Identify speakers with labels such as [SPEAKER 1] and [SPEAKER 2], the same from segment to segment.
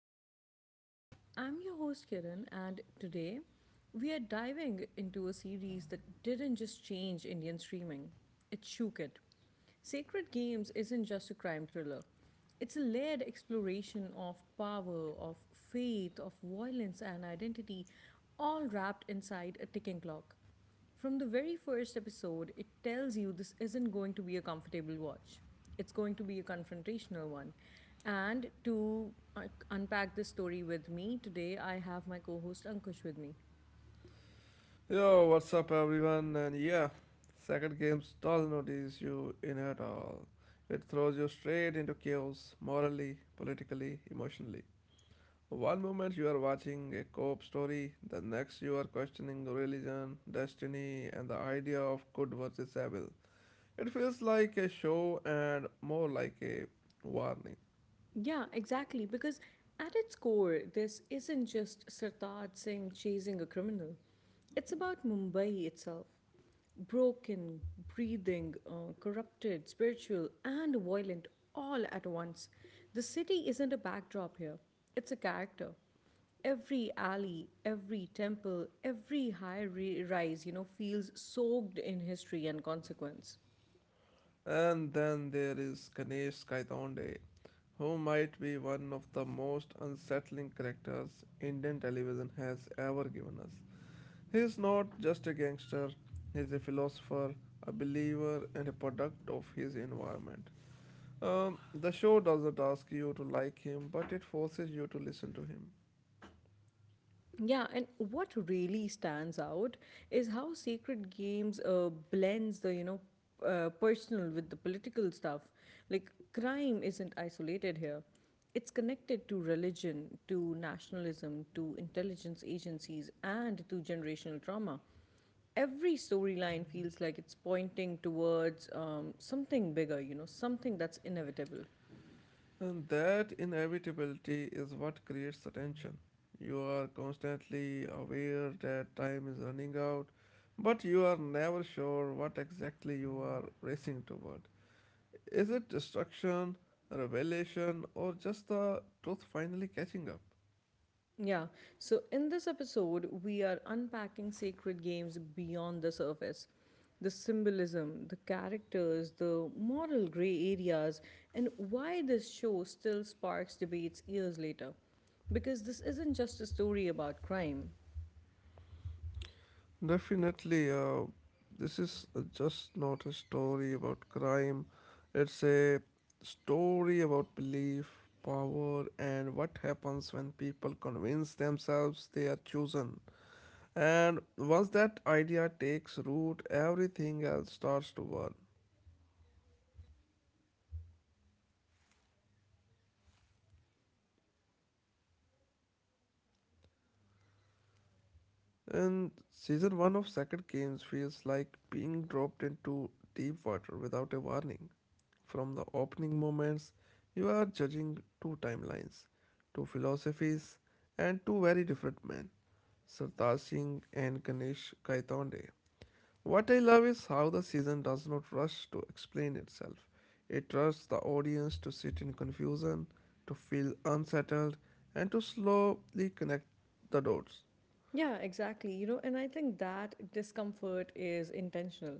[SPEAKER 1] Open Mind Pod. I'm your host Kiran, and today we are diving into a series that didn't just change Indian streaming, it shook it. Sacred Games isn't just a crime thriller, it's a layered exploration of power, of faith, of violence, and identity, all wrapped inside a ticking clock. From the very first episode, it tells you this isn't going to be a comfortable watch. It's going to be a confrontational one. And to unpack this story with me, today I have my co host Ankush with me.
[SPEAKER 2] Yo, what's up, everyone? And yeah, second games doesn't notice you in at all. It throws you straight into chaos, morally, politically, emotionally. One moment you are watching a co op story, the next you are questioning religion, destiny, and the idea of good versus evil. It feels like a show and more like a warning.
[SPEAKER 1] Yeah, exactly. Because at its core, this isn't just Sartaaj Singh chasing a criminal, it's about Mumbai itself. Broken, breathing, corrupted, spiritual, and violent all at once. The city isn't a backdrop here, it's a character. Every alley, every temple, every rise, you know, feels soaked in history and consequence.
[SPEAKER 2] And then there is Ganesh Kaitonde, who might be one of the most unsettling characters Indian television has ever given us. He is not just a gangster, he is a philosopher, a believer, and a product of his environment. The show doesn't ask you to like him, but it forces you to listen to him.
[SPEAKER 1] Yeah, and what really stands out is how Sacred Games blends the personal with the political stuff. Like, crime isn't isolated here. It's connected to religion, to nationalism, to intelligence agencies, and to generational trauma. Every storyline feels like it's pointing towards something bigger, you know, something that's inevitable.
[SPEAKER 2] And that inevitability is what creates attention. You are constantly aware that time is running out, but you are never sure what exactly you are racing toward. Is it destruction, revelation, or just the truth finally catching up?
[SPEAKER 1] Yeah. So, in this episode, we are unpacking sacred games beyond the surface, the symbolism, the characters, the moral gray areas, and why this show still sparks debates years later. Because this isn't just a story about crime.
[SPEAKER 2] Definitely, this is just not a story about crime. It's a story about belief, power, and what happens when people convince themselves they are chosen. And once that idea takes root, everything else starts to work. And season 1 of Sacred Games feels like being dropped into deep water without a warning. From the opening moments, you are judging two timelines, two philosophies, and two very different men, Sartaj Singh and Ganesh Kaitonde. What I love is how the season does not rush to explain itself. It trusts the audience to sit in confusion, to feel unsettled, and to slowly connect the dots.
[SPEAKER 1] Yeah, exactly. You know, and I think that discomfort is intentional.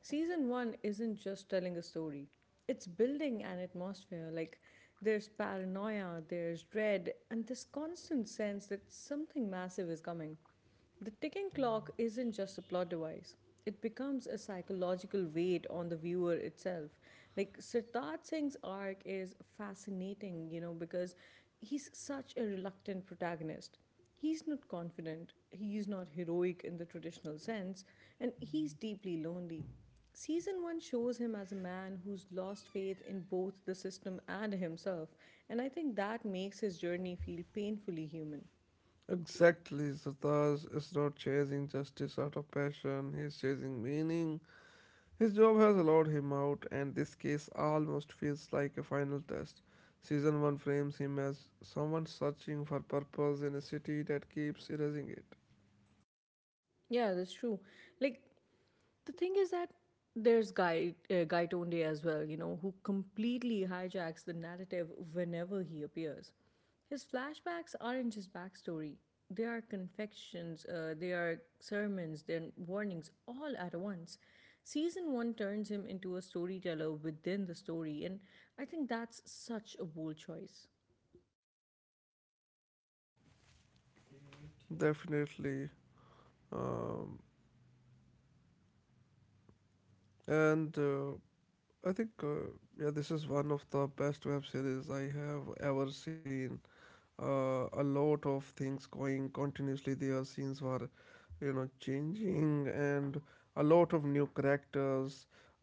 [SPEAKER 1] Season one isn't just telling a story, it's building an atmosphere. Like, there's paranoia, there's dread, and this constant sense that something massive is coming. The ticking clock isn't just a plot device. It becomes a psychological weight on the viewer itself. Like Sirtaaj Singh's arc is fascinating, you know, because he's such a reluctant protagonist. He's not confident, he's not heroic in the traditional sense, and he's deeply lonely. Season 1 shows him as a man who's lost faith in both the system and himself, and I think that makes his journey feel painfully human.
[SPEAKER 2] Exactly, Sartaj is not chasing justice out of passion, he's chasing meaning. His job has allowed him out, and this case almost feels like a final test. Season 1 frames him as someone searching for purpose in a city that keeps erasing it.
[SPEAKER 1] Yeah, that's true. Like, the thing is that there's Guy Tonde as well, you know, who completely hijacks the narrative whenever he appears. His flashbacks aren't just backstory; they are confections, they are sermons, they're warnings, all at once. Season one turns him into a storyteller within the story, and I think that's such a bold choice.
[SPEAKER 2] Definitely. Um, and uh, I think, uh, yeah, this is one of the best web series I have ever seen. A lot of things going continuously. Their scenes were, you know, changing and a lot of new characters.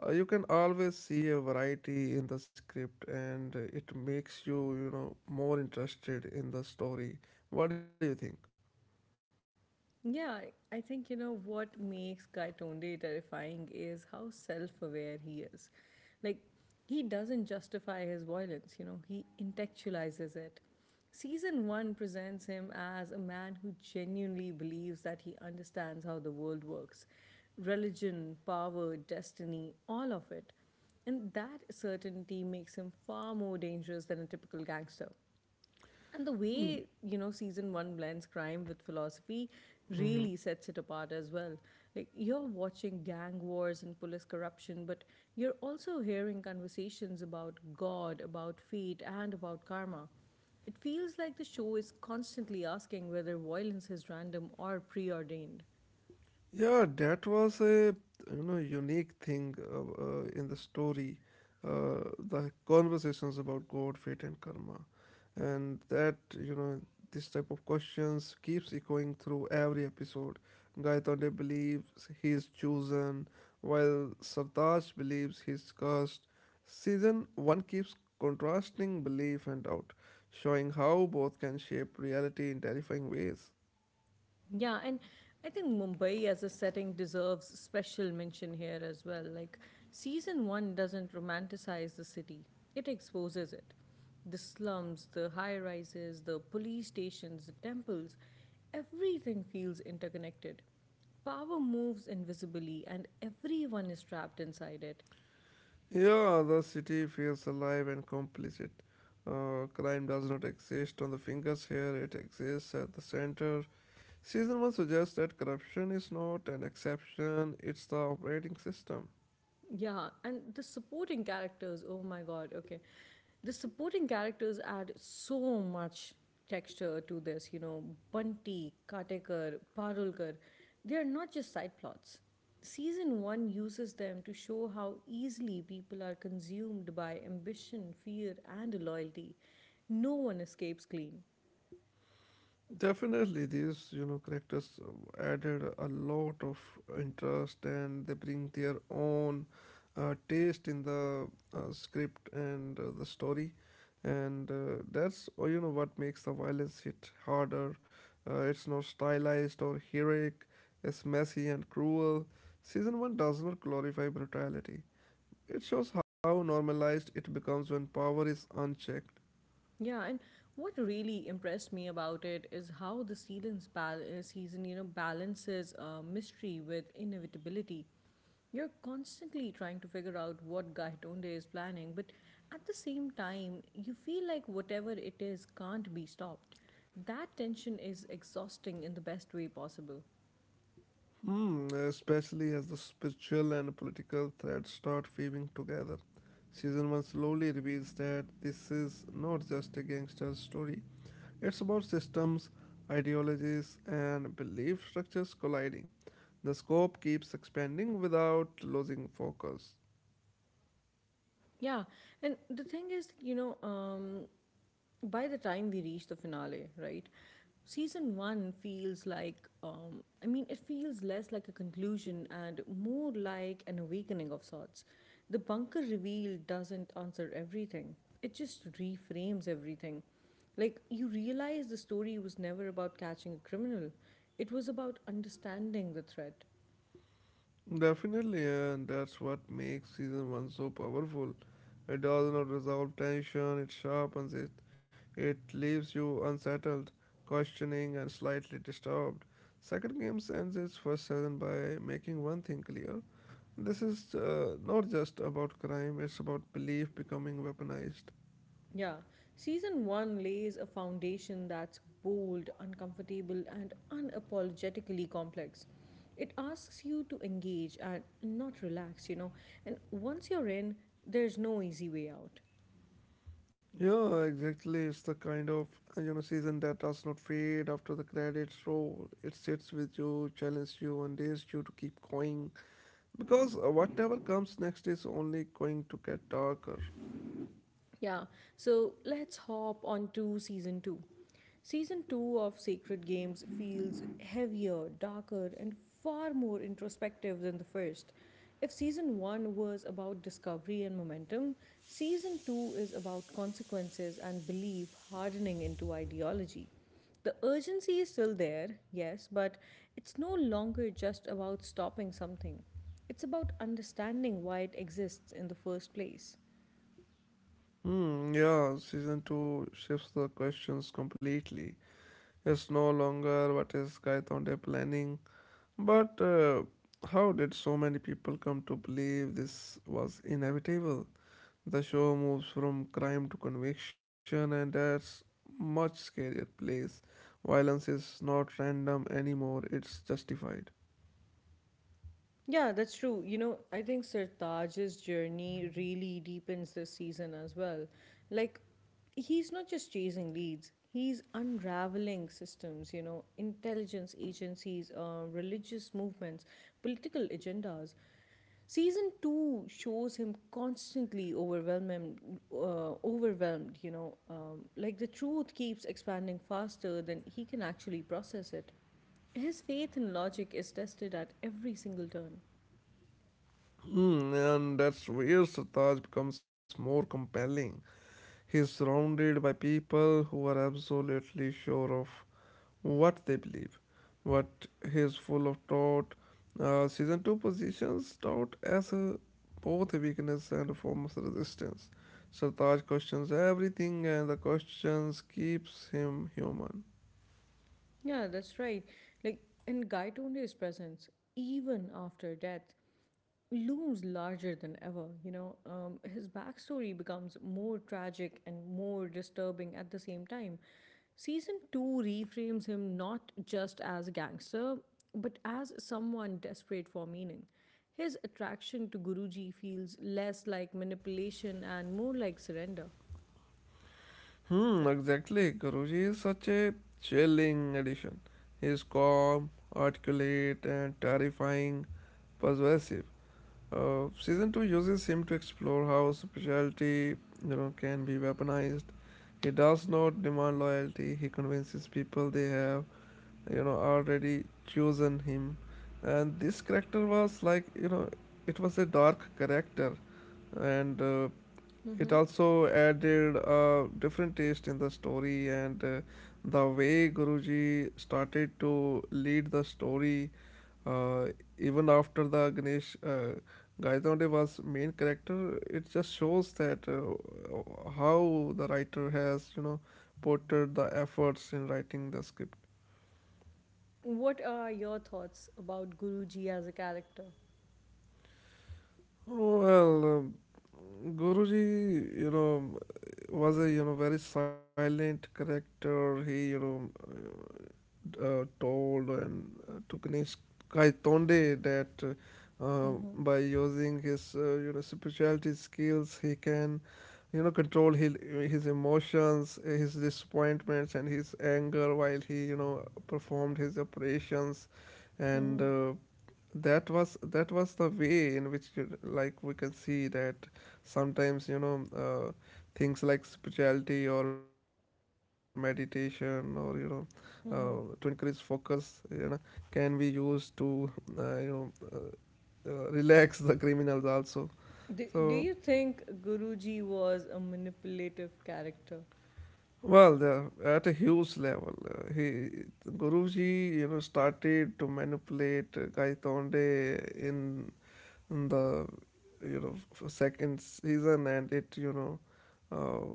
[SPEAKER 2] You can always see a variety in the script, and it makes you, you know, more interested in the story. What do you think?
[SPEAKER 1] Yeah, I think you know what makes Guy Tonde terrifying is how self aware he is. Like, he doesn't justify his violence, you know, he intellectualizes it. Season 1 presents him as a man who genuinely believes that he understands how the world works, religion, power, destiny, all of it. And that certainty makes him far more dangerous than a typical gangster. And the way, you know, season one blends crime with philosophy
[SPEAKER 2] Mhm.
[SPEAKER 1] really sets it apart as well. Like, you're watching gang wars and police corruption, but you're also hearing conversations about God, about fate, and about karma. It feels like the show is constantly asking whether violence is random or preordained.
[SPEAKER 2] Yeah, that was a you know unique thing in the story, the conversations about God, fate, and karma, and that you know this type of questions keeps echoing through every episode. Gaitande believes he is chosen, while Sartaj believes he's cursed. Season one keeps contrasting belief and doubt, showing how both can shape reality in terrifying ways.
[SPEAKER 1] Yeah, and I think Mumbai as a setting deserves special mention here as well. Like, season one doesn't romanticize the city, it exposes it. The slums, the high rises, the police stations, the temples, everything feels interconnected. Power moves invisibly, and everyone is trapped inside it.
[SPEAKER 2] Yeah, the city feels alive and complicit. Crime does not exist on the fingers here, it exists at the center. Season 1 suggests that corruption is not an exception, it's the operating system.
[SPEAKER 1] Yeah, and the supporting characters, oh my god, okay. The supporting characters add so much texture to this, you know, Bunty, Katekar, Parulkar. They are not just side plots. Season 1 uses them to show how easily people are consumed by ambition, fear, and loyalty. No one escapes clean.
[SPEAKER 2] Definitely, these you know characters added a lot of interest, and they bring their own taste in the script and the story, and that's you know what makes the violence hit harder. It's not stylized or heroic. It's messy and cruel. Season one does not glorify brutality. It shows how normalized it becomes when power is unchecked.
[SPEAKER 1] Yeah, and what really impressed me about it is how the season balances mystery with inevitability. You're constantly trying to figure out what Gaitonde is planning, but at the same time, you feel like whatever it is can't be stopped. That tension is exhausting in the best way possible.
[SPEAKER 2] Hmm, especially as the spiritual and political threads start weaving together. Season 1 slowly reveals that this is not just a gangster story, it's about systems, ideologies, and belief structures colliding. The scope keeps expanding without losing focus.
[SPEAKER 1] Yeah, and the thing is, you know, by the time we reach the finale, right? Season one feels like, it feels less like a conclusion and more like an awakening of sorts. The bunker reveal doesn't answer everything, it just reframes everything. Like, you realize the story was never about catching a criminal, it was about understanding the threat.
[SPEAKER 2] Definitely, and that's what makes season one so powerful. It does not resolve tension, it sharpens it, it leaves you unsettled, questioning, and slightly disturbed. Second Game ends its first season by making one thing clear. This is not just about crime, it's about belief becoming weaponized.
[SPEAKER 1] Yeah, season one lays a foundation that's bold, uncomfortable, and unapologetically complex. It asks you to engage and not relax, you know. And once you're in, there's no easy way out.
[SPEAKER 2] Yeah, exactly. It's the kind of you know season that does not fade after the credits roll. It sits with you, challenges you, and dares you to keep going. Because whatever comes next is only going to get darker.
[SPEAKER 1] Yeah, so let's hop on to season 2. Season 2 of Sacred Games feels heavier, darker, and far more introspective than the first. If season 1 was about discovery and momentum, season 2 is about consequences and belief hardening into ideology. The urgency is still there, yes, but it's no longer just about stopping something. It's about understanding why it exists in the first place.
[SPEAKER 2] Hmm, yeah, season 2 shifts the questions completely. It's no longer what is Kaitonde planning, but how did so many people come to believe this was inevitable? The show moves from crime to conviction, and that's much scarier place. Violence is not random anymore, it's justified.
[SPEAKER 1] Yeah, that's true. You know, I think Sirtaj's journey really deepens this season as well. Like, he's not just chasing leads, he's unraveling systems, you know, intelligence agencies, religious movements, political agendas. Season 2 shows him constantly overwhelmed, like the truth keeps expanding faster than he can actually process it. His faith in logic is tested at every single turn.
[SPEAKER 2] Hmm, and that's where Sartaj becomes more compelling. He's surrounded by people who are absolutely sure of what they believe, what he's full of doubt. Season 2 positions doubt as a, both a weakness and a form of resistance. Sartaj questions everything, and the questions keeps him human.
[SPEAKER 1] Yeah, that's right. Like, and Gaitonde's presence, even after death, looms larger than ever. You know, his backstory becomes more tragic and more disturbing at the same time. Season 2 reframes him not just as a gangster, but as someone desperate for meaning. His attraction to Guruji feels less like manipulation and more like surrender.
[SPEAKER 2] Hmm, exactly. Guruji is such a chilling addition. He is calm, articulate, and terrifying, persuasive. Season 2 uses him to explore how superficiality you know can be weaponized. He does not demand loyalty, he convinces people they have you know already chosen him, and this character was like you know it was a dark character, and it also added a different taste in the story, and the way guruji started to lead the story, uh, even after the Ganesh Gaitonde was main character. It just shows that how the writer has you know portrayed the efforts in writing the script.
[SPEAKER 1] What are your thoughts about Guruji as a character?
[SPEAKER 2] Well, Guruji, you know, was a you know very silent character. He told and to Kanishkai Tonde that
[SPEAKER 1] Mm-hmm.
[SPEAKER 2] by using his you know spirituality skills, he can you know control his emotions, his disappointments, and his anger while he you know performed his operations, and
[SPEAKER 1] Mm-hmm.
[SPEAKER 2] uh, that was the way in which you- like we can see that sometimes you know things like spirituality or meditation or you know to increase
[SPEAKER 1] Mm-hmm.
[SPEAKER 2] focus you know can be used to uh, you know uh, relax the criminals also.
[SPEAKER 1] Do
[SPEAKER 2] So
[SPEAKER 1] you think Guruji was a manipulative character?
[SPEAKER 2] well, the, at a huge level he guruji you know started to manipulate gaitonde in the you know second season, and it you know uh,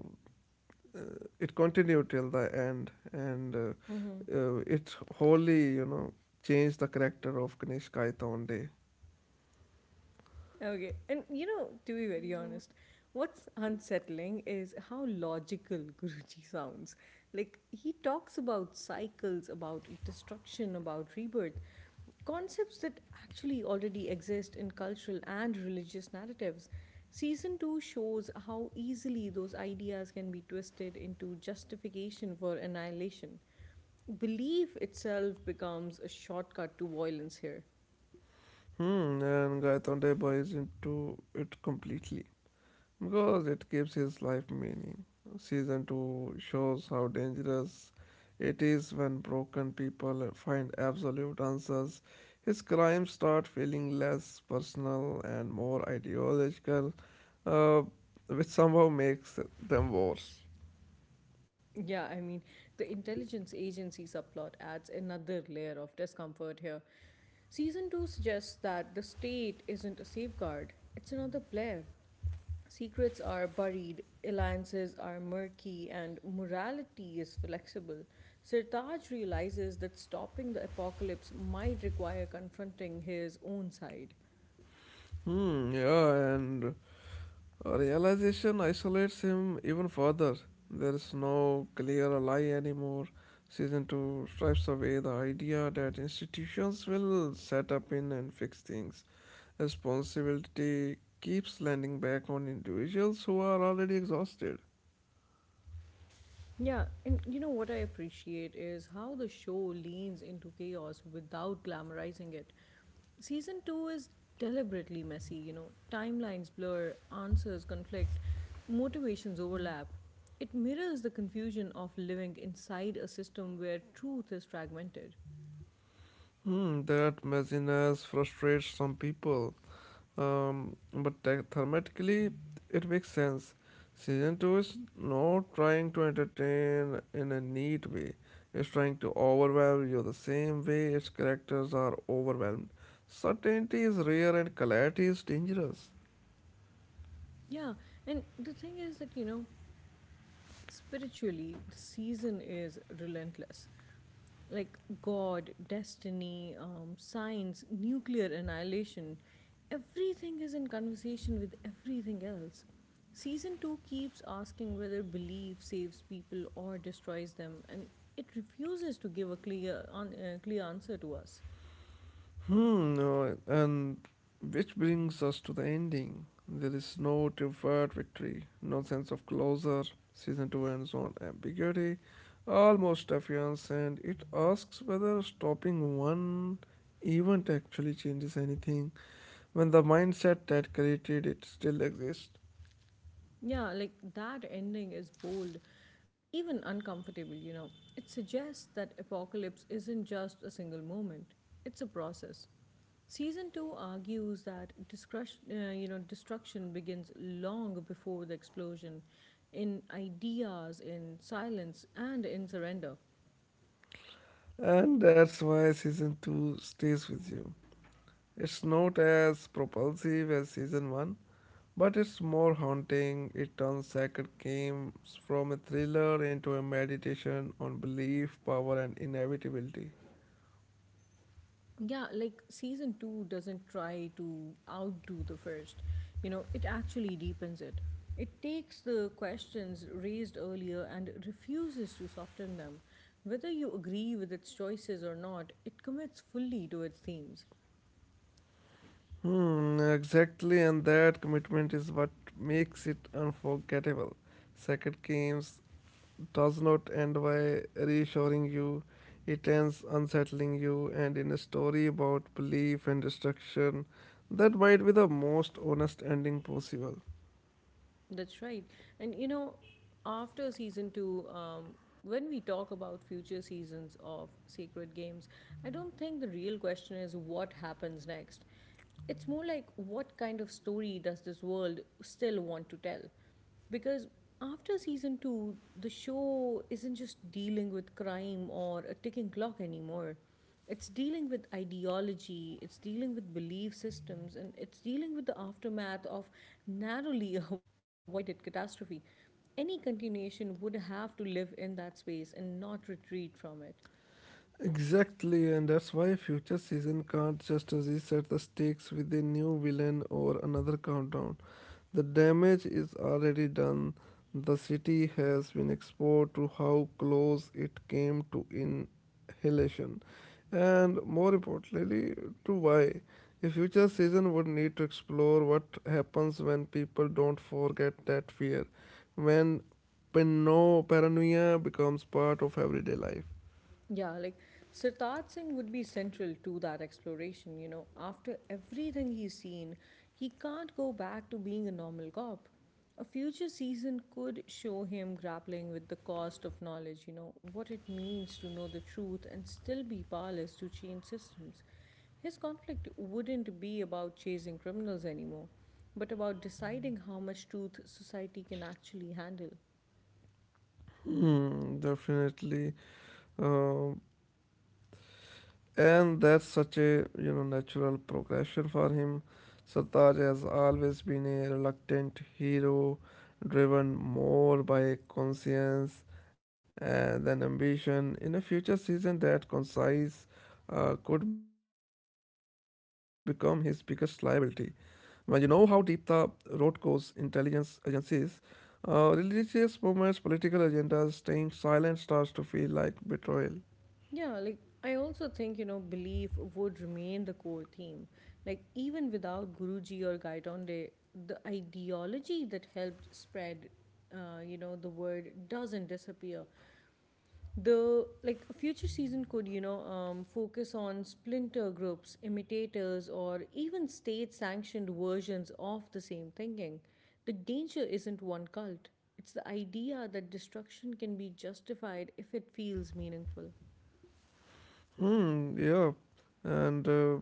[SPEAKER 2] it continued till the end, and it wholly you know changed the character of Ganesh Gaitonde.
[SPEAKER 1] Okay. And you know, to be very honest, what's unsettling is how logical Guruji sounds. Like, he talks about cycles, about destruction, about rebirth, concepts that actually already exist in cultural and religious narratives. Season 2 shows how easily those ideas can be twisted into justification for annihilation. Belief itself becomes a shortcut to violence here.
[SPEAKER 2] Hmm, and Gaitonde buys into it completely, because it gives his life meaning. Season 2 shows how dangerous it is when broken people find absolute answers. His crimes start feeling less personal and more ideological, uh, which somehow makes them worse.
[SPEAKER 1] Yeah, I mean, the intelligence agency subplot adds another layer of discomfort here. Season 2 suggests that the state isn't a safeguard, it's another player. Secrets are buried, alliances are murky, and morality is flexible. Sirtaj realizes that stopping the apocalypse might require confronting his own side.
[SPEAKER 2] Hmm, yeah, and realization isolates him even further. There is no clear lie anymore. Season 2 strips away the idea that institutions will set up in and fix things. Responsibility keeps landing back on individuals who are already exhausted.
[SPEAKER 1] Yeah, and you know what I appreciate is how the show leans into chaos without glamorizing it. Season 2 is deliberately messy, you know, timelines blur, answers conflict, motivations overlap. It mirrors the confusion of living inside a system where truth is fragmented.
[SPEAKER 2] Hmm, that messiness frustrates some people. But te- thematically, it makes sense. Season 2 is not trying to entertain in a neat way, it's trying to overwhelm you the same way its characters are overwhelmed. Certainty is rare and clarity is dangerous.
[SPEAKER 1] Yeah, and the thing is that, you know, spiritually, the season is relentless. Like God, destiny, science, nuclear annihilation, everything is in conversation with everything else. Season 2 keeps asking whether belief saves people or destroys them, and it refuses to give a clear answer to us.
[SPEAKER 2] Hmm, no, and which brings us to the ending. There is no deferred victory, no sense of closure. Season 2 ends on ambiguity, almost defiance, and it asks whether stopping one event actually changes anything when the mindset that created it still exists.
[SPEAKER 1] Yeah, like that ending is bold, even uncomfortable, you know. It suggests that apocalypse isn't just a single moment, it's a process. Season 2 argues that destruction begins long before the explosion in ideas, in silence, and in surrender.
[SPEAKER 2] And that's why season 2 stays with you. It's not as propulsive as season 1, but it's more haunting. It turns sacred games from a thriller into a meditation on belief, power, and inevitability.
[SPEAKER 1] Yeah, like season 2 doesn't try to outdo the first, you know, it actually deepens it. It takes the questions raised earlier and refuses to soften them. Whether you agree with its choices or not, it commits fully to its themes.
[SPEAKER 2] Hmm, exactly, and that commitment is what makes it unforgettable. Sacred Games does not end by reassuring you, it ends unsettling you, and in a story about belief and destruction, that might be the most honest ending possible.
[SPEAKER 1] That's right. And you know, after season two, when we talk about future seasons of Sacred Games, I don't think the real question is what happens next. It's more like what kind of story does this world still want to tell? Because after season two, the show isn't just dealing with crime or a ticking clock anymore. It's dealing with ideology, it's dealing with belief systems, and it's dealing with the aftermath of narrowly avoided catastrophe. Any continuation would have to live in that space and not retreat from it.
[SPEAKER 2] Exactly, and that's why future season can't just reset the stakes with a new villain or another countdown. The damage is already done. The city has been exposed to how close it came to inhalation, and more importantly, to why. A future season would need to explore what happens when people don't forget that fear, when paranoia becomes part of everyday life.
[SPEAKER 1] Yeah, like Sirtaaj Singh would be central to that exploration. You know, after everything he's seen, he can't go back to being a normal cop. A future season could show him grappling with the cost of knowledge, you know, what it means to know the truth and still be powerless to change systems. His conflict wouldn't be about chasing criminals anymore, but about deciding how much truth society can actually handle.
[SPEAKER 2] Mm, definitely. Um, and that's such a you know natural progression for him. Sartaj has always been a reluctant hero, driven more by conscience than ambition. In a future season, that concise could become his biggest liability. When you know how deep the road goes, intelligence agencies, religious movements, political agendas, staying silent starts to feel like betrayal.
[SPEAKER 1] Yeah, like I also think, you know, belief would remain the core theme. Like even without Guruji or Gaitonde, the ideology that helped spread you know, the word doesn't disappear. The like future season could, you know, focus on splinter groups, imitators, or even state sanctioned versions of the same thinking. The danger isn't one cult. It's the idea that destruction can be justified if it feels meaningful.
[SPEAKER 2] Hmm, yeah. And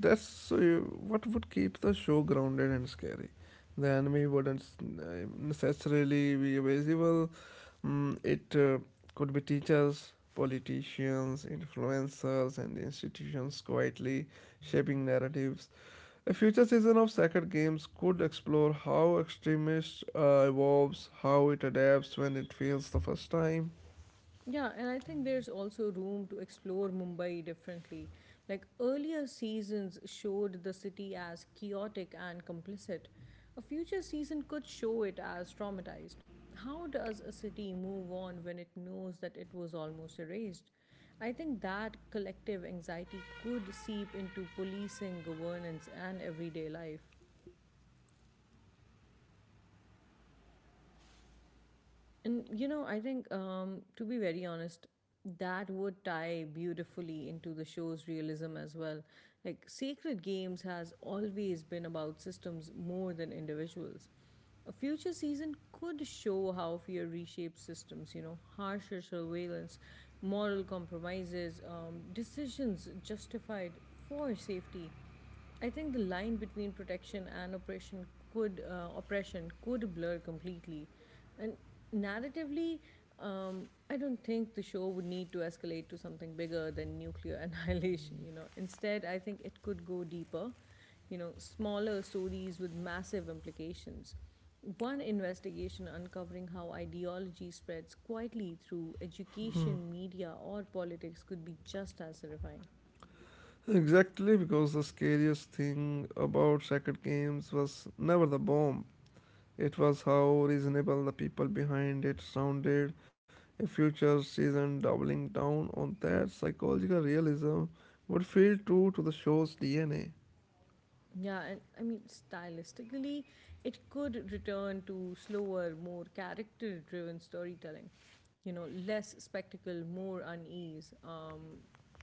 [SPEAKER 2] that's What would keep the show grounded and scary. The enemy wouldn't necessarily be visible. It could be teachers, politicians, influencers, and institutions quietly shaping narratives. A future season of Sacred Games could explore how extremist evolves, how it adapts when it fails the first time.
[SPEAKER 1] Yeah, and I think there's also room to explore Mumbai differently. Like earlier seasons showed the city as chaotic and complicit. A future season could show it as traumatized. How does a city move on when it knows that it was almost erased? I think that collective anxiety could seep into policing, governance, and everyday life. And you know, I think to be very honest, that would tie beautifully into the show's realism as well. Like Sacred Games has always been about systems more than individuals. A future season could show how fear reshapes systems, you know, harsher surveillance, moral compromises, decisions justified for safety. I think the line between protection and oppression could blur completely, and narratively, I don't think the show would need to escalate to something bigger than nuclear annihilation. You know, instead, I think it could go deeper. You know, smaller stories with massive implications. One investigation uncovering how ideology spreads quietly through education, media, or politics could be just as terrifying.
[SPEAKER 2] Exactly, because the scariest thing about Sacred Games was never the bomb, it was how reasonable the people behind it sounded. A future season doubling down on that psychological realism would feel true to the show's DNA.
[SPEAKER 1] Yeah, and I mean, stylistically, it could return to slower, more character driven storytelling. You know, less spectacle, more unease,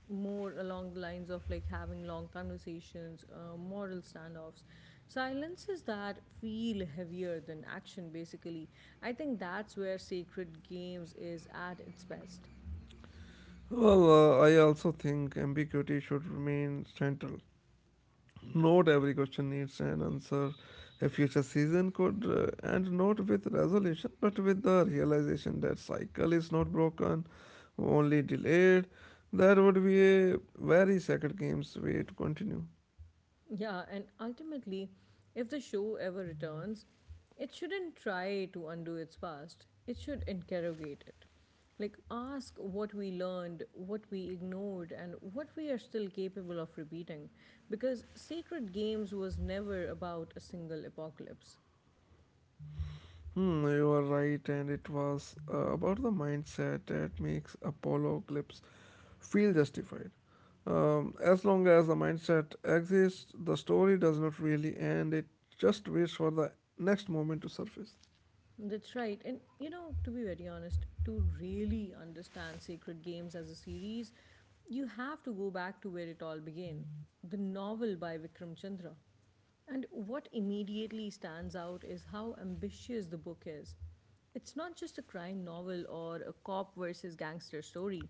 [SPEAKER 1] more along the lines of like having long conversations, moral standoffs, silences that feel heavier than action, basically. I think that's where Sacred Games is at its best.
[SPEAKER 2] Well, I also think ambiguity should remain central. Not every question needs an answer. A future season could end not with resolution, but with the realization that cycle is not broken, only delayed. That would be a very sacred game's way to continue.
[SPEAKER 1] Yeah, and ultimately, if the show ever returns, it shouldn't try to undo its past, it should interrogate it. Like, ask what we learned, what we ignored, and what we are still capable of repeating. Because Sacred Games was never about a single apocalypse.
[SPEAKER 2] Hmm, you are right, and it was about the mindset that makes Apollo clips feel justified. As long as the mindset exists, the story does not really end, it just waits for the next moment to surface.
[SPEAKER 1] That's right. And you know, to be very honest, to really understand Sacred Games as a series, you have to go back to where it all began the novel by Vikram Chandra. And what immediately stands out is how ambitious the book is. It's not just a crime novel or a cop versus gangster story,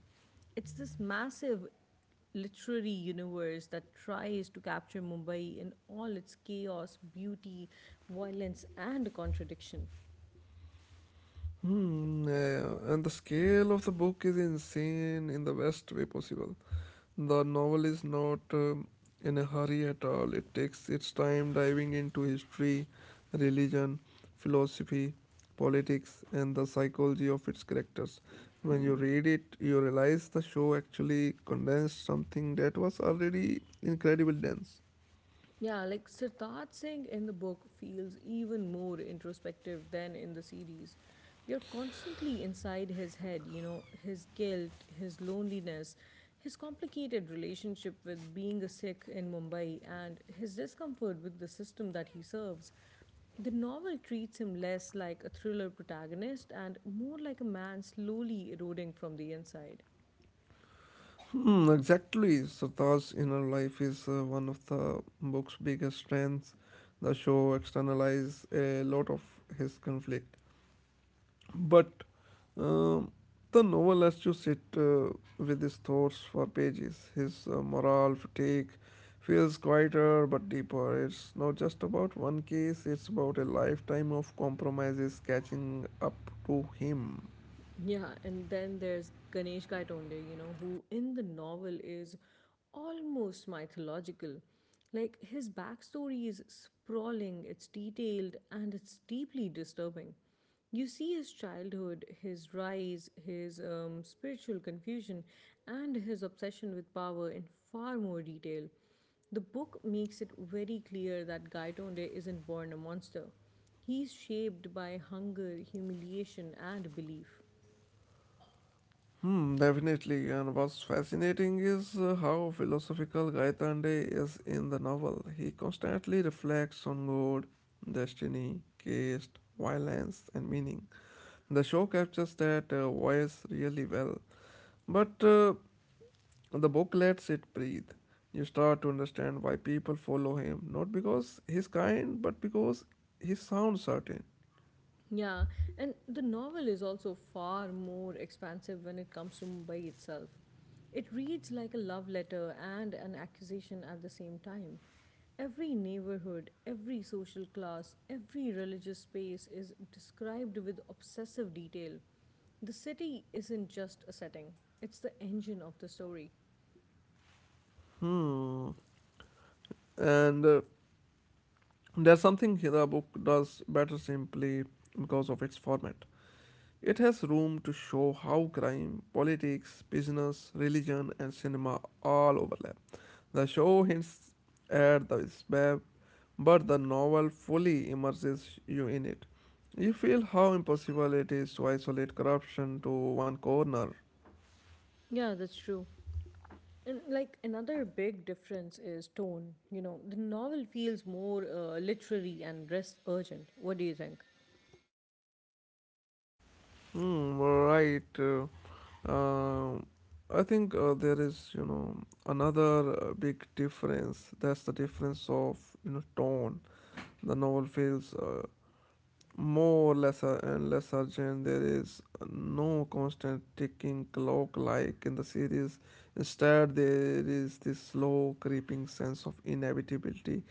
[SPEAKER 1] it's this massive literary universe that tries to capture Mumbai in all its chaos, beauty, violence, and contradiction.
[SPEAKER 2] Hmm, yeah, and the scale of the book is insane in the best way possible. The novel is not in a hurry at all. It takes its time diving into history, religion, philosophy, politics, and the psychology of its characters. When you read it, you realize the show actually condensed something that was already incredibly dense.
[SPEAKER 1] Yeah, like Siddharth Singh in the book feels even more introspective than in the series. You're constantly inside his head, you know, his guilt, his loneliness, his complicated relationship with being a Sikh in Mumbai, and his discomfort with the system that he serves. The novel treats him less like a thriller protagonist and more like a man slowly eroding from the inside.
[SPEAKER 2] Hmm, exactly. Sartar's inner life is one of the book's biggest strengths. The show externalizes a lot of his conflict, but um, the novel lets you sit with his thoughts for pages. His moral fatigue feels quieter but deeper. It's not just about one case; it's about a lifetime of compromises catching up to him.
[SPEAKER 1] Yeah, and then there's Ganesh Gaitonde, you know, who in the novel is almost mythological. Like, his backstory is sprawling, it's detailed, and it's deeply disturbing. You see his childhood, his rise, his spiritual confusion, and his obsession with power in far more detail. The book makes it very clear that Gaitonde isn't born a monster. He's shaped by hunger, humiliation, and belief.
[SPEAKER 2] Hmm, definitely. And what's fascinating is how philosophical Gaitande is in the novel. He constantly reflects on God, destiny, caste, violence, and meaning. The show captures that voice really well, but the book lets it breathe. You start to understand why people follow him, not because he's kind, but because he sounds certain.
[SPEAKER 1] Yeah, and the novel is also far more expansive when it comes to Mumbai itself. It reads like a love letter and an accusation at the same time. Every neighborhood, every social class, every religious space is described with obsessive detail. The city isn't just a setting, it's the engine of the story.
[SPEAKER 2] Hmm. And there's something the book does better simply because of its format. It has room to show how crime, politics, business, religion, and cinema all overlap. The show hints at the web, but the novel fully immerses you in it. You feel how impossible it is to isolate corruption to one corner.
[SPEAKER 1] Yeah, that's true. And like another big difference is tone. You know, the novel feels more literary and less urgent. What do you think?
[SPEAKER 2] Hmm, right. Um, I think there is, you know, another big difference. That's the difference of, you know, tone. The novel feels more lesser and less urgent. There is no constant ticking clock like in the series. Instead, there is this slow, creeping sense of inevitability.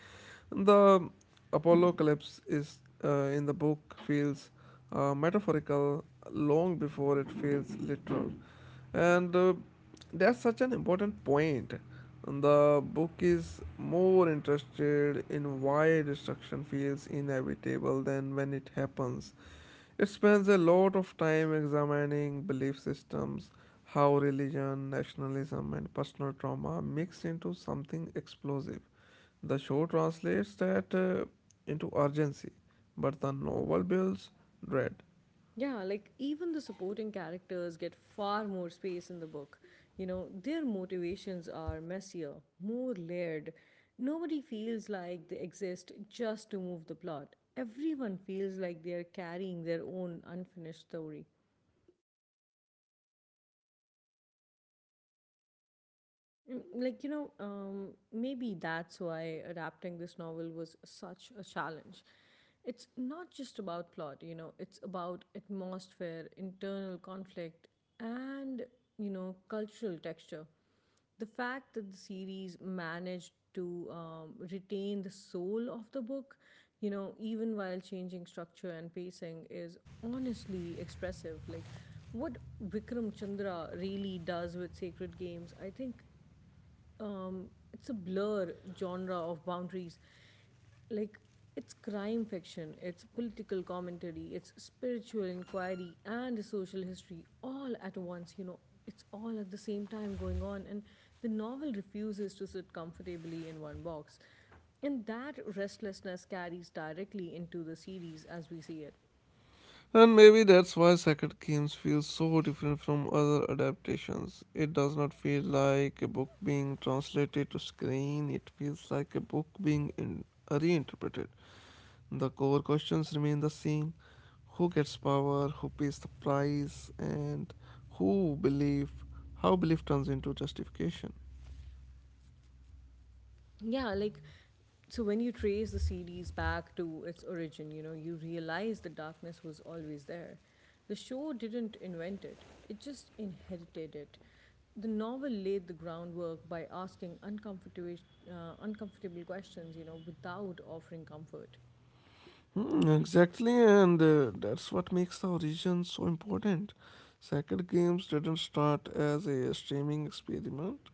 [SPEAKER 2] The Apollo collapse is in the book feels metaphorical long before it feels literal, and that's such an important point. The book is more interested in why destruction feels inevitable than when it happens. It spends a lot of time examining belief systems, how religion, nationalism, and personal trauma mix into something explosive. The show translates that into urgency, but the novel builds dread.
[SPEAKER 1] Yeah, like even the supporting characters get far more space in the book. You know, their motivations are messier, more layered. Nobody feels like they exist just to move the plot. Everyone feels like they are carrying their own unfinished story. Mm, like, you know, maybe that's why adapting this novel was such a challenge. It's not just about plot, you know, it's about atmosphere, internal conflict, and, you know, cultural texture. The fact that the series managed to retain the soul of the book, you know, even while changing structure and pacing, is honestly expressive. Like, what Vikram Chandra really does with Sacred Games, I think it's a blur genre of boundaries. Like it's crime fiction, it's political commentary, it's spiritual inquiry and social history all at once, you know, it's all at the same time going on and the novel refuses to sit comfortably in one box. And that restlessness carries directly into the series as we see it.
[SPEAKER 2] And maybe that's why Sacred Games feels so different from other adaptations. It does not feel like a book being translated to screen, it feels like a book being reinterpreted. The core questions remain the same who gets power, who pays the price, and who belief, how belief turns into justification.
[SPEAKER 1] Yeah, like so when you trace the series back to its origin, you know, you realize the darkness was always there. The show didn't invent it, it just inherited it. The novel laid the groundwork by asking uncomfortable questions, you know, without offering comfort.
[SPEAKER 2] Hmm, exactly, and that's what makes the origin so important. Sacred Games didn't start as a streaming experiment.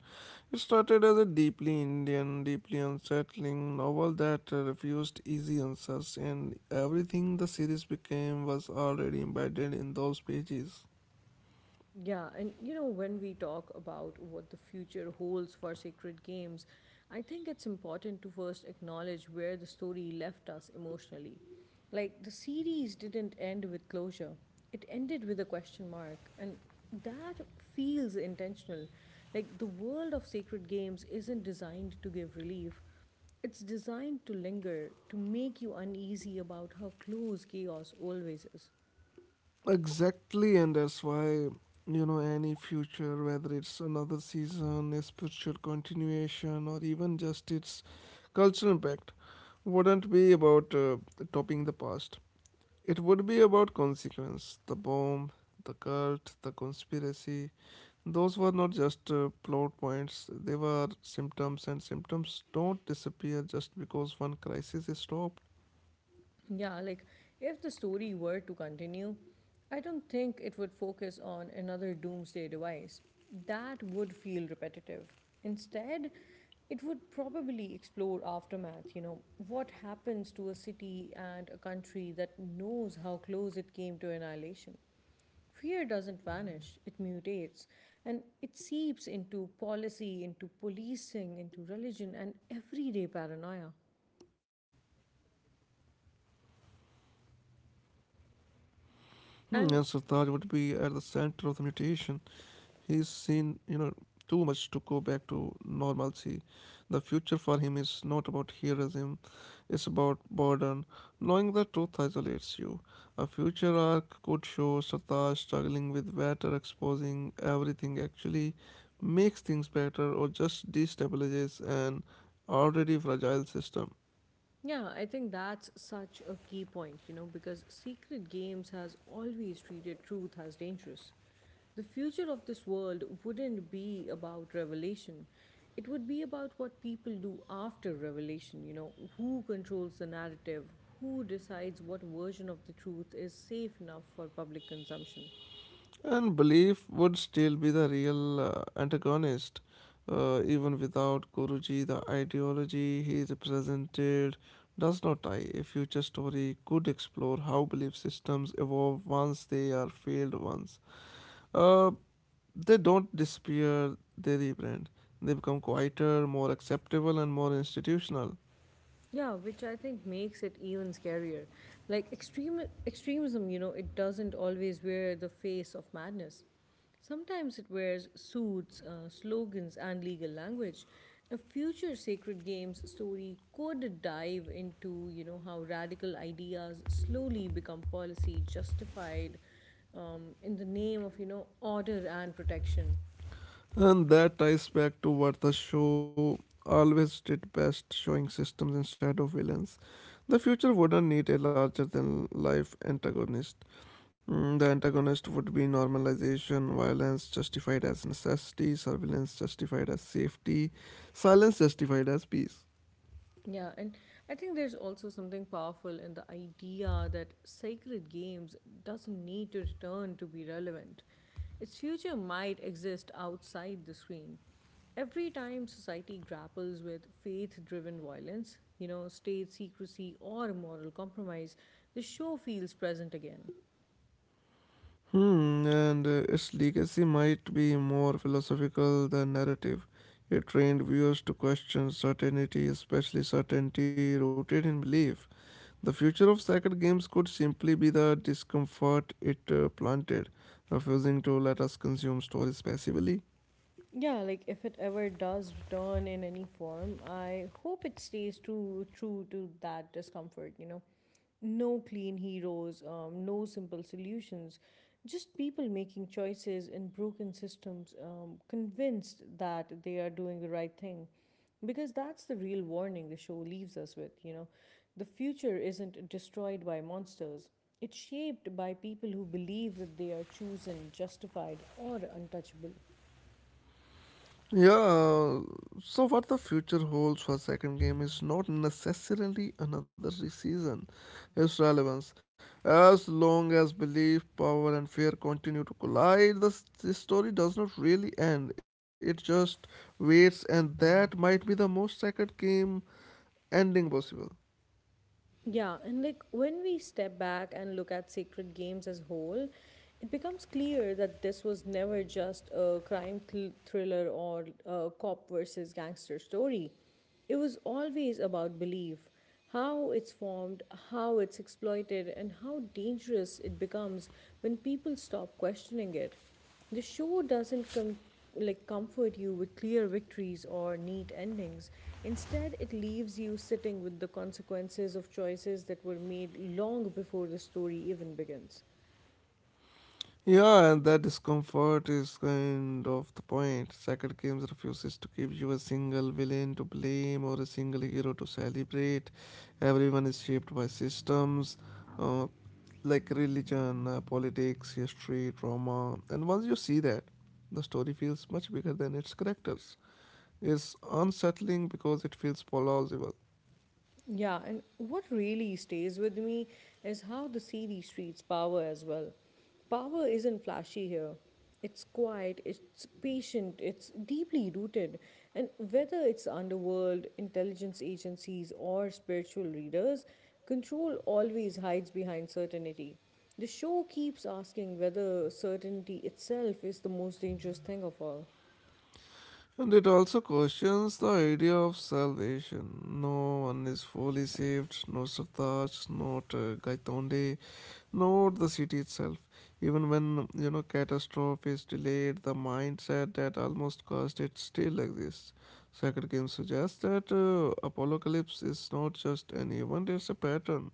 [SPEAKER 2] It started as a deeply Indian, deeply unsettling novel that refused easy answers, and everything the series became was already embedded in those pages.
[SPEAKER 1] Yeah, and you know, when we talk about what the future holds for sacred games, I think it's important to first acknowledge where the story left us emotionally. Like, the series didn't end with closure, it ended with a question mark, and that feels intentional. Like, the world of sacred games isn't designed to give relief, it's designed to linger, to make you uneasy about how close chaos always is.
[SPEAKER 2] Exactly, and that's why, you know, any future, whether it's another season, a spiritual continuation, or even just its cultural impact, wouldn't be about topping the past. It would be about consequence. The bomb, the cult, the conspiracy. Those were not just plot points, they were symptoms, and symptoms don't disappear just because one crisis is stopped.
[SPEAKER 1] Yeah, like if the story were to continue, I don't think it would focus on another doomsday device. That would feel repetitive. Instead, it would probably explore aftermath, you know, what happens to a city and a country that knows how close it came to annihilation. Fear doesn't vanish, it mutates and it seeps into policy, into policing, into religion, and everyday paranoia.
[SPEAKER 2] Hmm, and Sartaj would be at the center of the
[SPEAKER 1] And
[SPEAKER 2] mutation. He's seen, you know, too much to go back to normalcy. The future for him is not about heroism, it's about burden. Knowing the truth isolates you. A future arc could show Sartaj struggling with better exposing everything actually makes things better or just destabilizes an already fragile system.
[SPEAKER 1] yeah, I think that's such a key point, you know, because Secret Games has always treated truth as dangerous. The future of this world wouldn't be about revelation. It would be about what people do after revelation, you know, who controls the narrative, who decides what version of the truth is safe enough for public consumption.
[SPEAKER 2] And belief would still be the real antagonist. Even without Guruji, the ideology he represented does not die. A future story could explore how belief systems evolve once they are failed ones. Uh, they don't disappear, they rebrand. They become quieter, more acceptable, and more institutional.
[SPEAKER 1] Yeah, which I think makes it even scarier. Like extreme extremism, you know, it doesn't always wear the face of madness. Sometimes it wears suits, slogans, and legal language. A future Sacred Games story could dive into, you know, how radical ideas slowly become policy justified in the name of, you know, order and protection.
[SPEAKER 2] And that ties back to what the show always did best showing systems instead of villains. The future wouldn't need a larger than life antagonist. Mm, the antagonist would be normalization, violence justified as necessity, surveillance justified as safety, silence justified as peace.
[SPEAKER 1] Yeah, and I think there's also something powerful in the idea that sacred games doesn't need to return to be relevant. Its future might exist outside the screen. Every time society grapples with faith driven violence, you know, state secrecy or moral compromise, the show feels present again.
[SPEAKER 2] Hmm, and its legacy might be more philosophical than narrative. It trained viewers to question certainty, especially certainty rooted in belief. The future of sacred games could simply be the discomfort it planted, refusing to let us consume stories passively.
[SPEAKER 1] Yeah, like if it ever does return in any form, I hope it stays true to that discomfort, you know. No clean heroes, no simple solutions, just people making choices in broken systems, convinced that they are doing the right thing. Because that's the real warning the show leaves us with, you know. The future isn't destroyed by monsters. It's shaped by people who believe that they are chosen, justified, or untouchable.
[SPEAKER 2] Yeah, so what the future holds for second game is not necessarily another season. Its relevance, as long as belief, power, and fear continue to collide, the story does not really end. It just waits, and that might be the most sacred game ending possible.
[SPEAKER 1] Yeah, and like when we step back and look at Sacred Games as whole, it becomes clear that this was never just a crime thriller or a cop versus gangster story. It was always about belief, how it's formed, how it's exploited, and how dangerous it becomes when people stop questioning it. The show doesn't like comfort you with clear victories or neat endings. Instead, it leaves you sitting with the consequences of choices that were made long before the story even begins.
[SPEAKER 2] Yeah, and that discomfort is kind of the point. Sacred Games refuses to give you a single villain to blame or a single hero to celebrate. Everyone is shaped by systems uh, like religion, politics, history, trauma. And once you see that, the story feels much bigger than its characters. It's unsettling because it feels plausible.
[SPEAKER 1] Yeah, and what really stays with me is how the series treats power as well. Power isn't flashy here. It's quiet, it's patient, it's deeply rooted. And whether it's underworld, intelligence agencies, or spiritual leaders, control always hides behind certainty. The show keeps asking whether certainty itself is the most dangerous thing of all.
[SPEAKER 2] And it also questions the idea of salvation. No one is fully saved, no Sartaj, not Gaitonde, not the city itself. Even when, you know, catastrophe is delayed, the mindset that almost caused it still exists. Sacred Game suggests that apocalypse is not just an event, it's a pattern.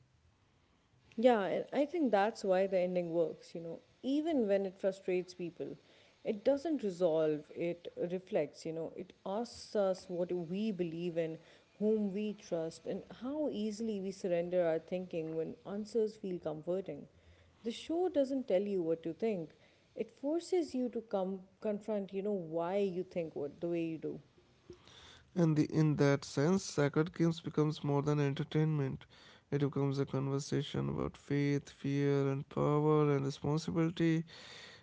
[SPEAKER 1] Yeah, and I think that's why the ending works, you know. Even when it frustrates people, it doesn't resolve, it reflects, you know. It asks us what we believe in, whom we trust, and how easily we surrender our thinking when answers feel comforting. The show doesn't tell you what to think. It forces you to come confront, you know, why you think what the way you do.
[SPEAKER 2] In that sense, Sacred Games becomes more than entertainment. It becomes a conversation about faith, fear, and power and responsibility.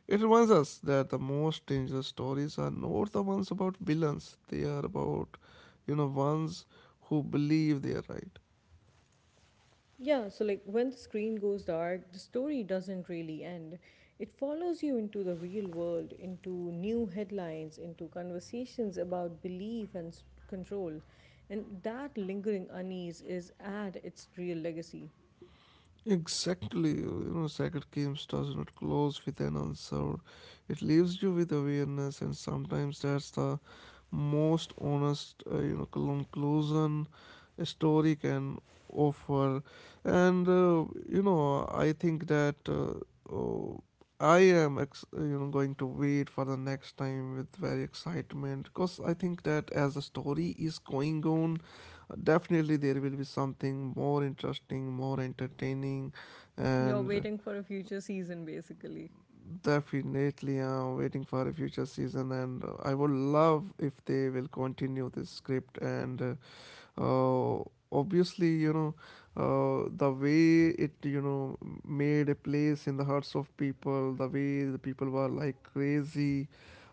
[SPEAKER 2] It reminds us that the most dangerous stories are not the ones about villains, they are about, you know, ones who believe they are right.
[SPEAKER 1] Yeah, so like when the screen goes dark, the story doesn't really end. It follows you into the real world, into new headlines, into conversations about belief and control. And that lingering unease is at its real legacy.
[SPEAKER 2] Exactly, you know, Sacred Games does not close with an answer. It leaves you with awareness, and sometimes that's the most honest, you know, conclusion a story can offer. And you know, I think that oh, I am, you know, going to wait for the next time with very excitement because I think that as the story is going on definitely there will be something more interesting, more entertaining,
[SPEAKER 1] You're
[SPEAKER 2] and
[SPEAKER 1] waiting for a future season, basically.
[SPEAKER 2] definitely I'm waiting for a future season, and I would love if they will continue this script. And uh, obviously, you know, the way it, you know, made a place in the hearts of people, the way the people were like crazy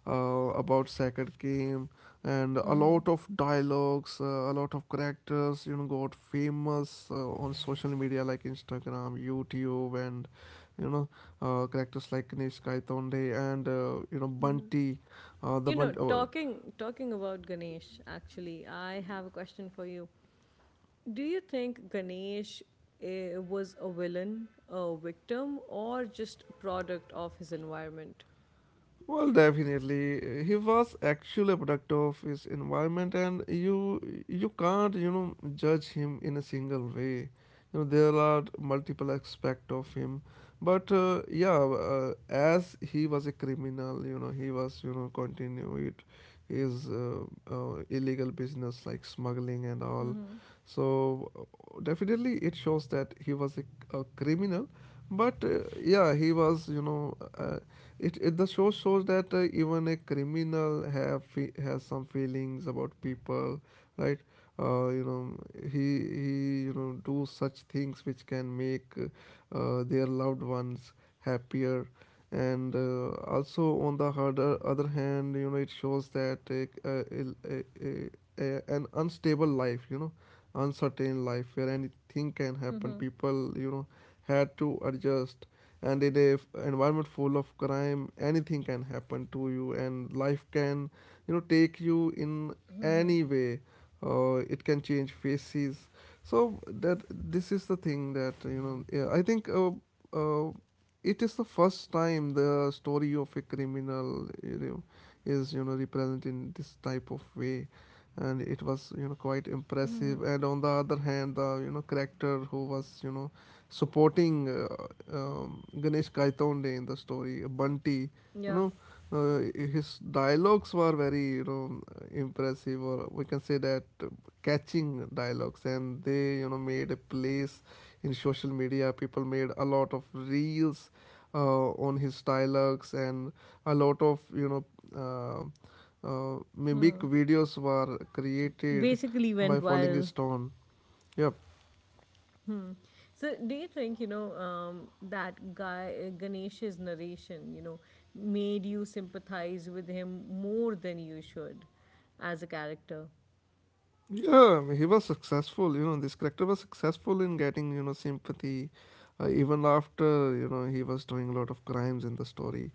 [SPEAKER 2] about second game, and a lot of dialogues, a lot of characters, you know, got famous on social media like Instagram, YouTube, and, you know, characters like Kanishkai Tonde and, you know, Bunty, the
[SPEAKER 1] You
[SPEAKER 2] Bunty,
[SPEAKER 1] know,
[SPEAKER 2] oh.
[SPEAKER 1] talking about Ganesh, actually, I have a question for you. Do you think Ganesh was a villain, a victim, or just a product of his environment?
[SPEAKER 2] Well, definitely, he was actually a product of his environment, and you can't, you know, judge him in a single way. You know, there are multiple aspects of him, but yeah, as he was a criminal, you know, he was, you know, continued his illegal business like smuggling and all. So definitely, it shows that he was a criminal, but yeah, he was, you know, it, the show shows that even a criminal has some feelings about people, right? You know, he, you know, do such things which can make their loved ones happier. And also, on the harder other hand, you know, it shows that an unstable life, you know, uncertain life, where anything can happen, people, you know, had to adjust. And in a environment full of crime, anything can happen to you, and life can, you know, take you in any way. It can change faces. So that this is the thing that, you know, yeah, I think uh, it is the first time the story of a criminal, you know, is, you know, represented in this type of way, and it was, you know, quite impressive. And on the other hand, the, you know, character who was, you know, supporting Ganesh Kaitonde in the story, Bunty. You
[SPEAKER 1] Yeah.
[SPEAKER 2] know, his dialogues were very, you know, impressive, or we can say that catching dialogues, and they, you know, made a place in social media. People made a lot of reels on his dialogues, and a lot of, you know. Uh, Mimic
[SPEAKER 1] Hmm.
[SPEAKER 2] videos were
[SPEAKER 1] So
[SPEAKER 2] created
[SPEAKER 1] basically went
[SPEAKER 2] by falling
[SPEAKER 1] viral.
[SPEAKER 2] stone. Yep.
[SPEAKER 1] So, do you think, you know, that guy, Ganesh's narration, you know, made you sympathize with him more than you should as a character?
[SPEAKER 2] Yeah, he was successful. You know, this character was successful in getting, you know, sympathy, even after, you know, he was doing a lot of crimes in the story,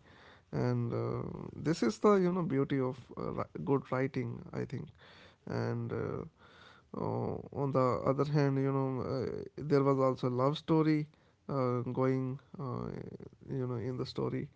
[SPEAKER 2] and this is the, you know, beauty of good writing, I think, and. On the other hand, you know, there was also love story going, you know, in the story,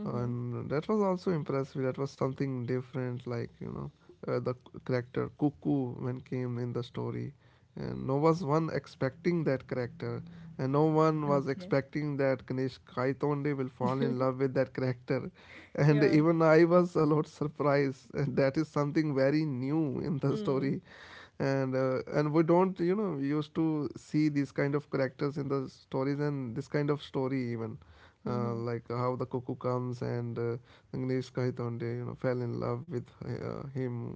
[SPEAKER 1] Mm-hmm.
[SPEAKER 2] and that was also impressive. That was something different, like, you know, the character Cuckoo when came in the story, and no was one expecting that character, and no one was
[SPEAKER 1] Okay.
[SPEAKER 2] expecting that Kanishk Kaitonde will fall in love with that character, and
[SPEAKER 1] Yeah.
[SPEAKER 2] even I was a lot surprised. And that is something very new in the
[SPEAKER 1] Hmm.
[SPEAKER 2] story and we don't used to see these kind of characters in the stories and this kind of story even like how the cuckoo comes and Agnieszka Hitonde fell in love with him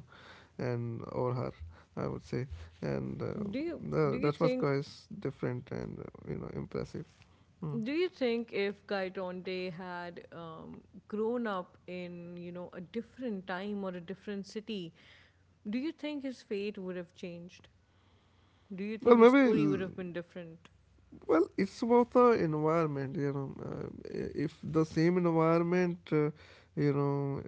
[SPEAKER 2] and or her, I would say. and uh,
[SPEAKER 1] Do you do you
[SPEAKER 2] that was
[SPEAKER 1] think
[SPEAKER 2] quite different and impressive. Hmm.
[SPEAKER 1] Do you think if Guy Tonde had grown up in, you know, a different time or a different city, do you think his fate would have changed? Do you
[SPEAKER 2] Well,
[SPEAKER 1] think his
[SPEAKER 2] maybe.
[SPEAKER 1] story would have been different?
[SPEAKER 2] Well, it's about the environment, you know. If the same environment, you know,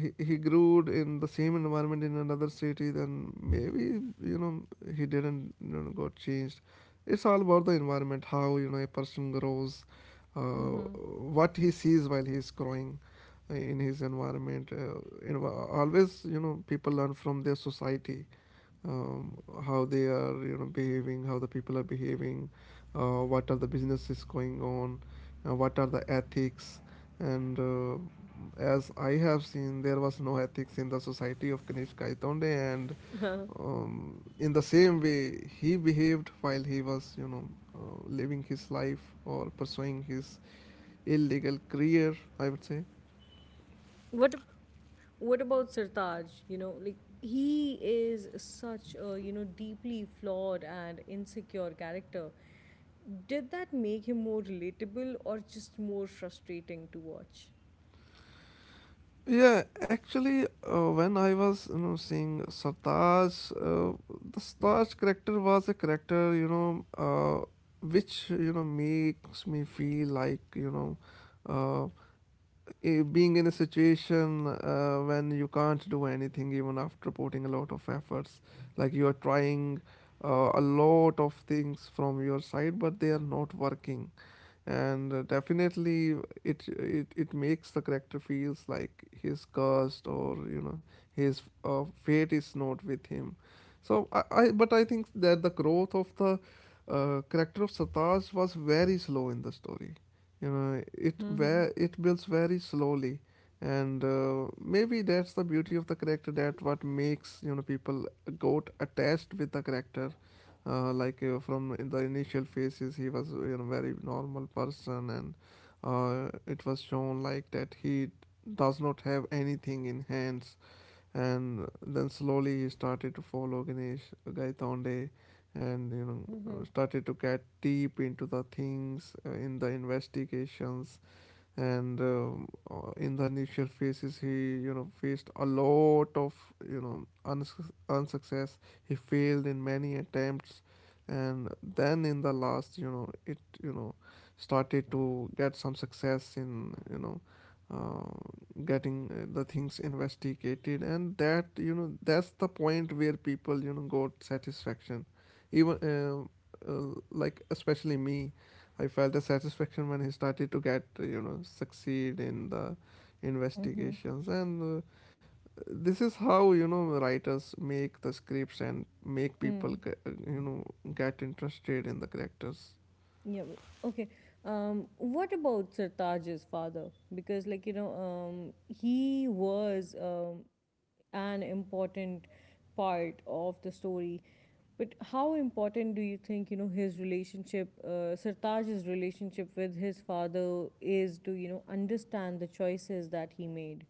[SPEAKER 2] he grew in the same environment in another city, then maybe, you know, he didn't, you know, got changed. It's all about the environment, how, you know, a person grows, uh,
[SPEAKER 1] Mm-hmm.
[SPEAKER 2] what he sees while he's growing in his environment. You know, Always, you know, people learn from their society, um, how they are, you know, behaving, how the people are behaving, what are the businesses going on, what are the ethics, and as I have seen there was no ethics in the society of Kanish Kaitonde. And in the same way he behaved while he was, you know, living his life or pursuing his illegal career, I would say.
[SPEAKER 1] what ab- What about Sirtaj? You know, like he is such a you know deeply flawed and insecure character. Did that make him more relatable or just more frustrating to watch?
[SPEAKER 2] Yeah, actually, when I was, you know, seeing Sartaj, the Sartaj character was a character, which, you know, makes me feel like, uh, being in a situation when you can't do anything even after putting a lot of efforts, like you are trying a lot of things from your side but they are not working. And definitely it makes the character feels like he's cursed, or, you know, his fate is not with him. So I but I think that the growth of the character of Sataj was very slow in the story, you know, it where it builds very slowly. And maybe that's the beauty of the character, that what makes, you know, people got attached with the character. From in the initial phases he was, you know, very normal person, and it was shown like that he does not have anything in hands. And then slowly he started to follow Ganesh Gaitonde, and, you know, started to get deep into the things, in the investigations. And In the initial phases he, you know, faced a lot of, unsuccess, he failed in many attempts. And then in the last, you know, it, you know, started to get some success in, you know, uh, getting the things investigated, and that, you know, that's the point where people, you know, got satisfaction even. Uh, like Especially me, I felt the satisfaction when he started to, get you know, succeed in the investigations. And This is how, you know, writers make the scripts and make
[SPEAKER 1] Hmm.
[SPEAKER 2] people get, you know, get interested in the characters.
[SPEAKER 1] Yeah. Okay. What about Sartaj's father? Because, like, you know, he was an important part of the story. But how important do you think, you know, his relationship, Sartaj's relationship with his father is to, you know, understand the choices that he made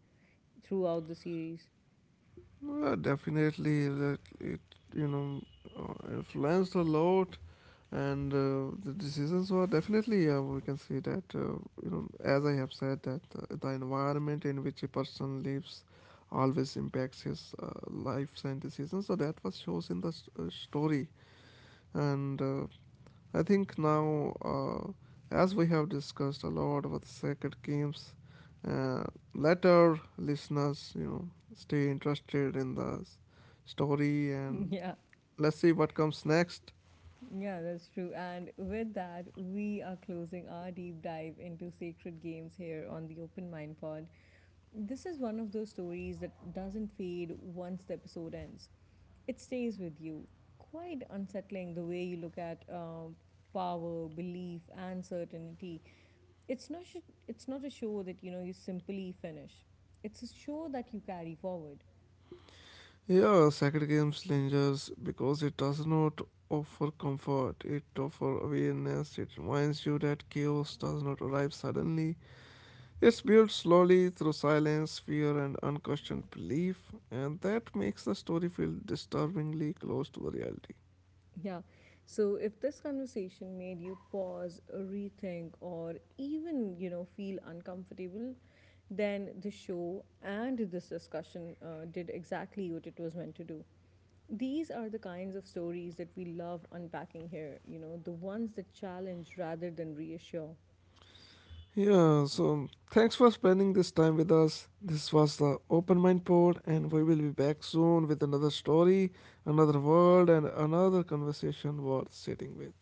[SPEAKER 1] throughout the series?
[SPEAKER 2] Well, definitely, it you know influenced a lot, and the decisions were definitely, we can see that, as I have said that, the environment in which a person lives always impacts his lives and decisions. So that was shows in the s story. And I think now, as we have discussed a lot about the Sacred Games, uh, let our listeners, you know, stay interested in the story, and
[SPEAKER 1] Yeah.
[SPEAKER 2] let's see what comes next.
[SPEAKER 1] Yeah, that's true. And with that, we are closing our deep dive into sacred games here on the Open Mind Pod. This is one of those stories that doesn't fade once the episode ends, it stays with you. Quite unsettling the way you look at power, belief, and certainty. It's not a show that you know you simply finish. It's a show that you carry forward.
[SPEAKER 2] Yeah, Sacred Games lingers because it does not offer comfort, it offers awareness. It reminds you that chaos does not arrive suddenly. It's built slowly through silence, fear, and unquestioned belief, and that makes the story feel disturbingly close to the reality.
[SPEAKER 1] Yeah. So if this conversation made you pause, rethink, or even, you know, feel uncomfortable, then the show and this discussion did exactly what it was meant to do. These are the kinds of stories that we love unpacking here, you know, the ones that challenge rather than reassure.
[SPEAKER 2] Yeah, so thanks for spending this time with us. This was the Open Mind Pod, and we will be back soon with another story, another world, and another conversation worth sitting with.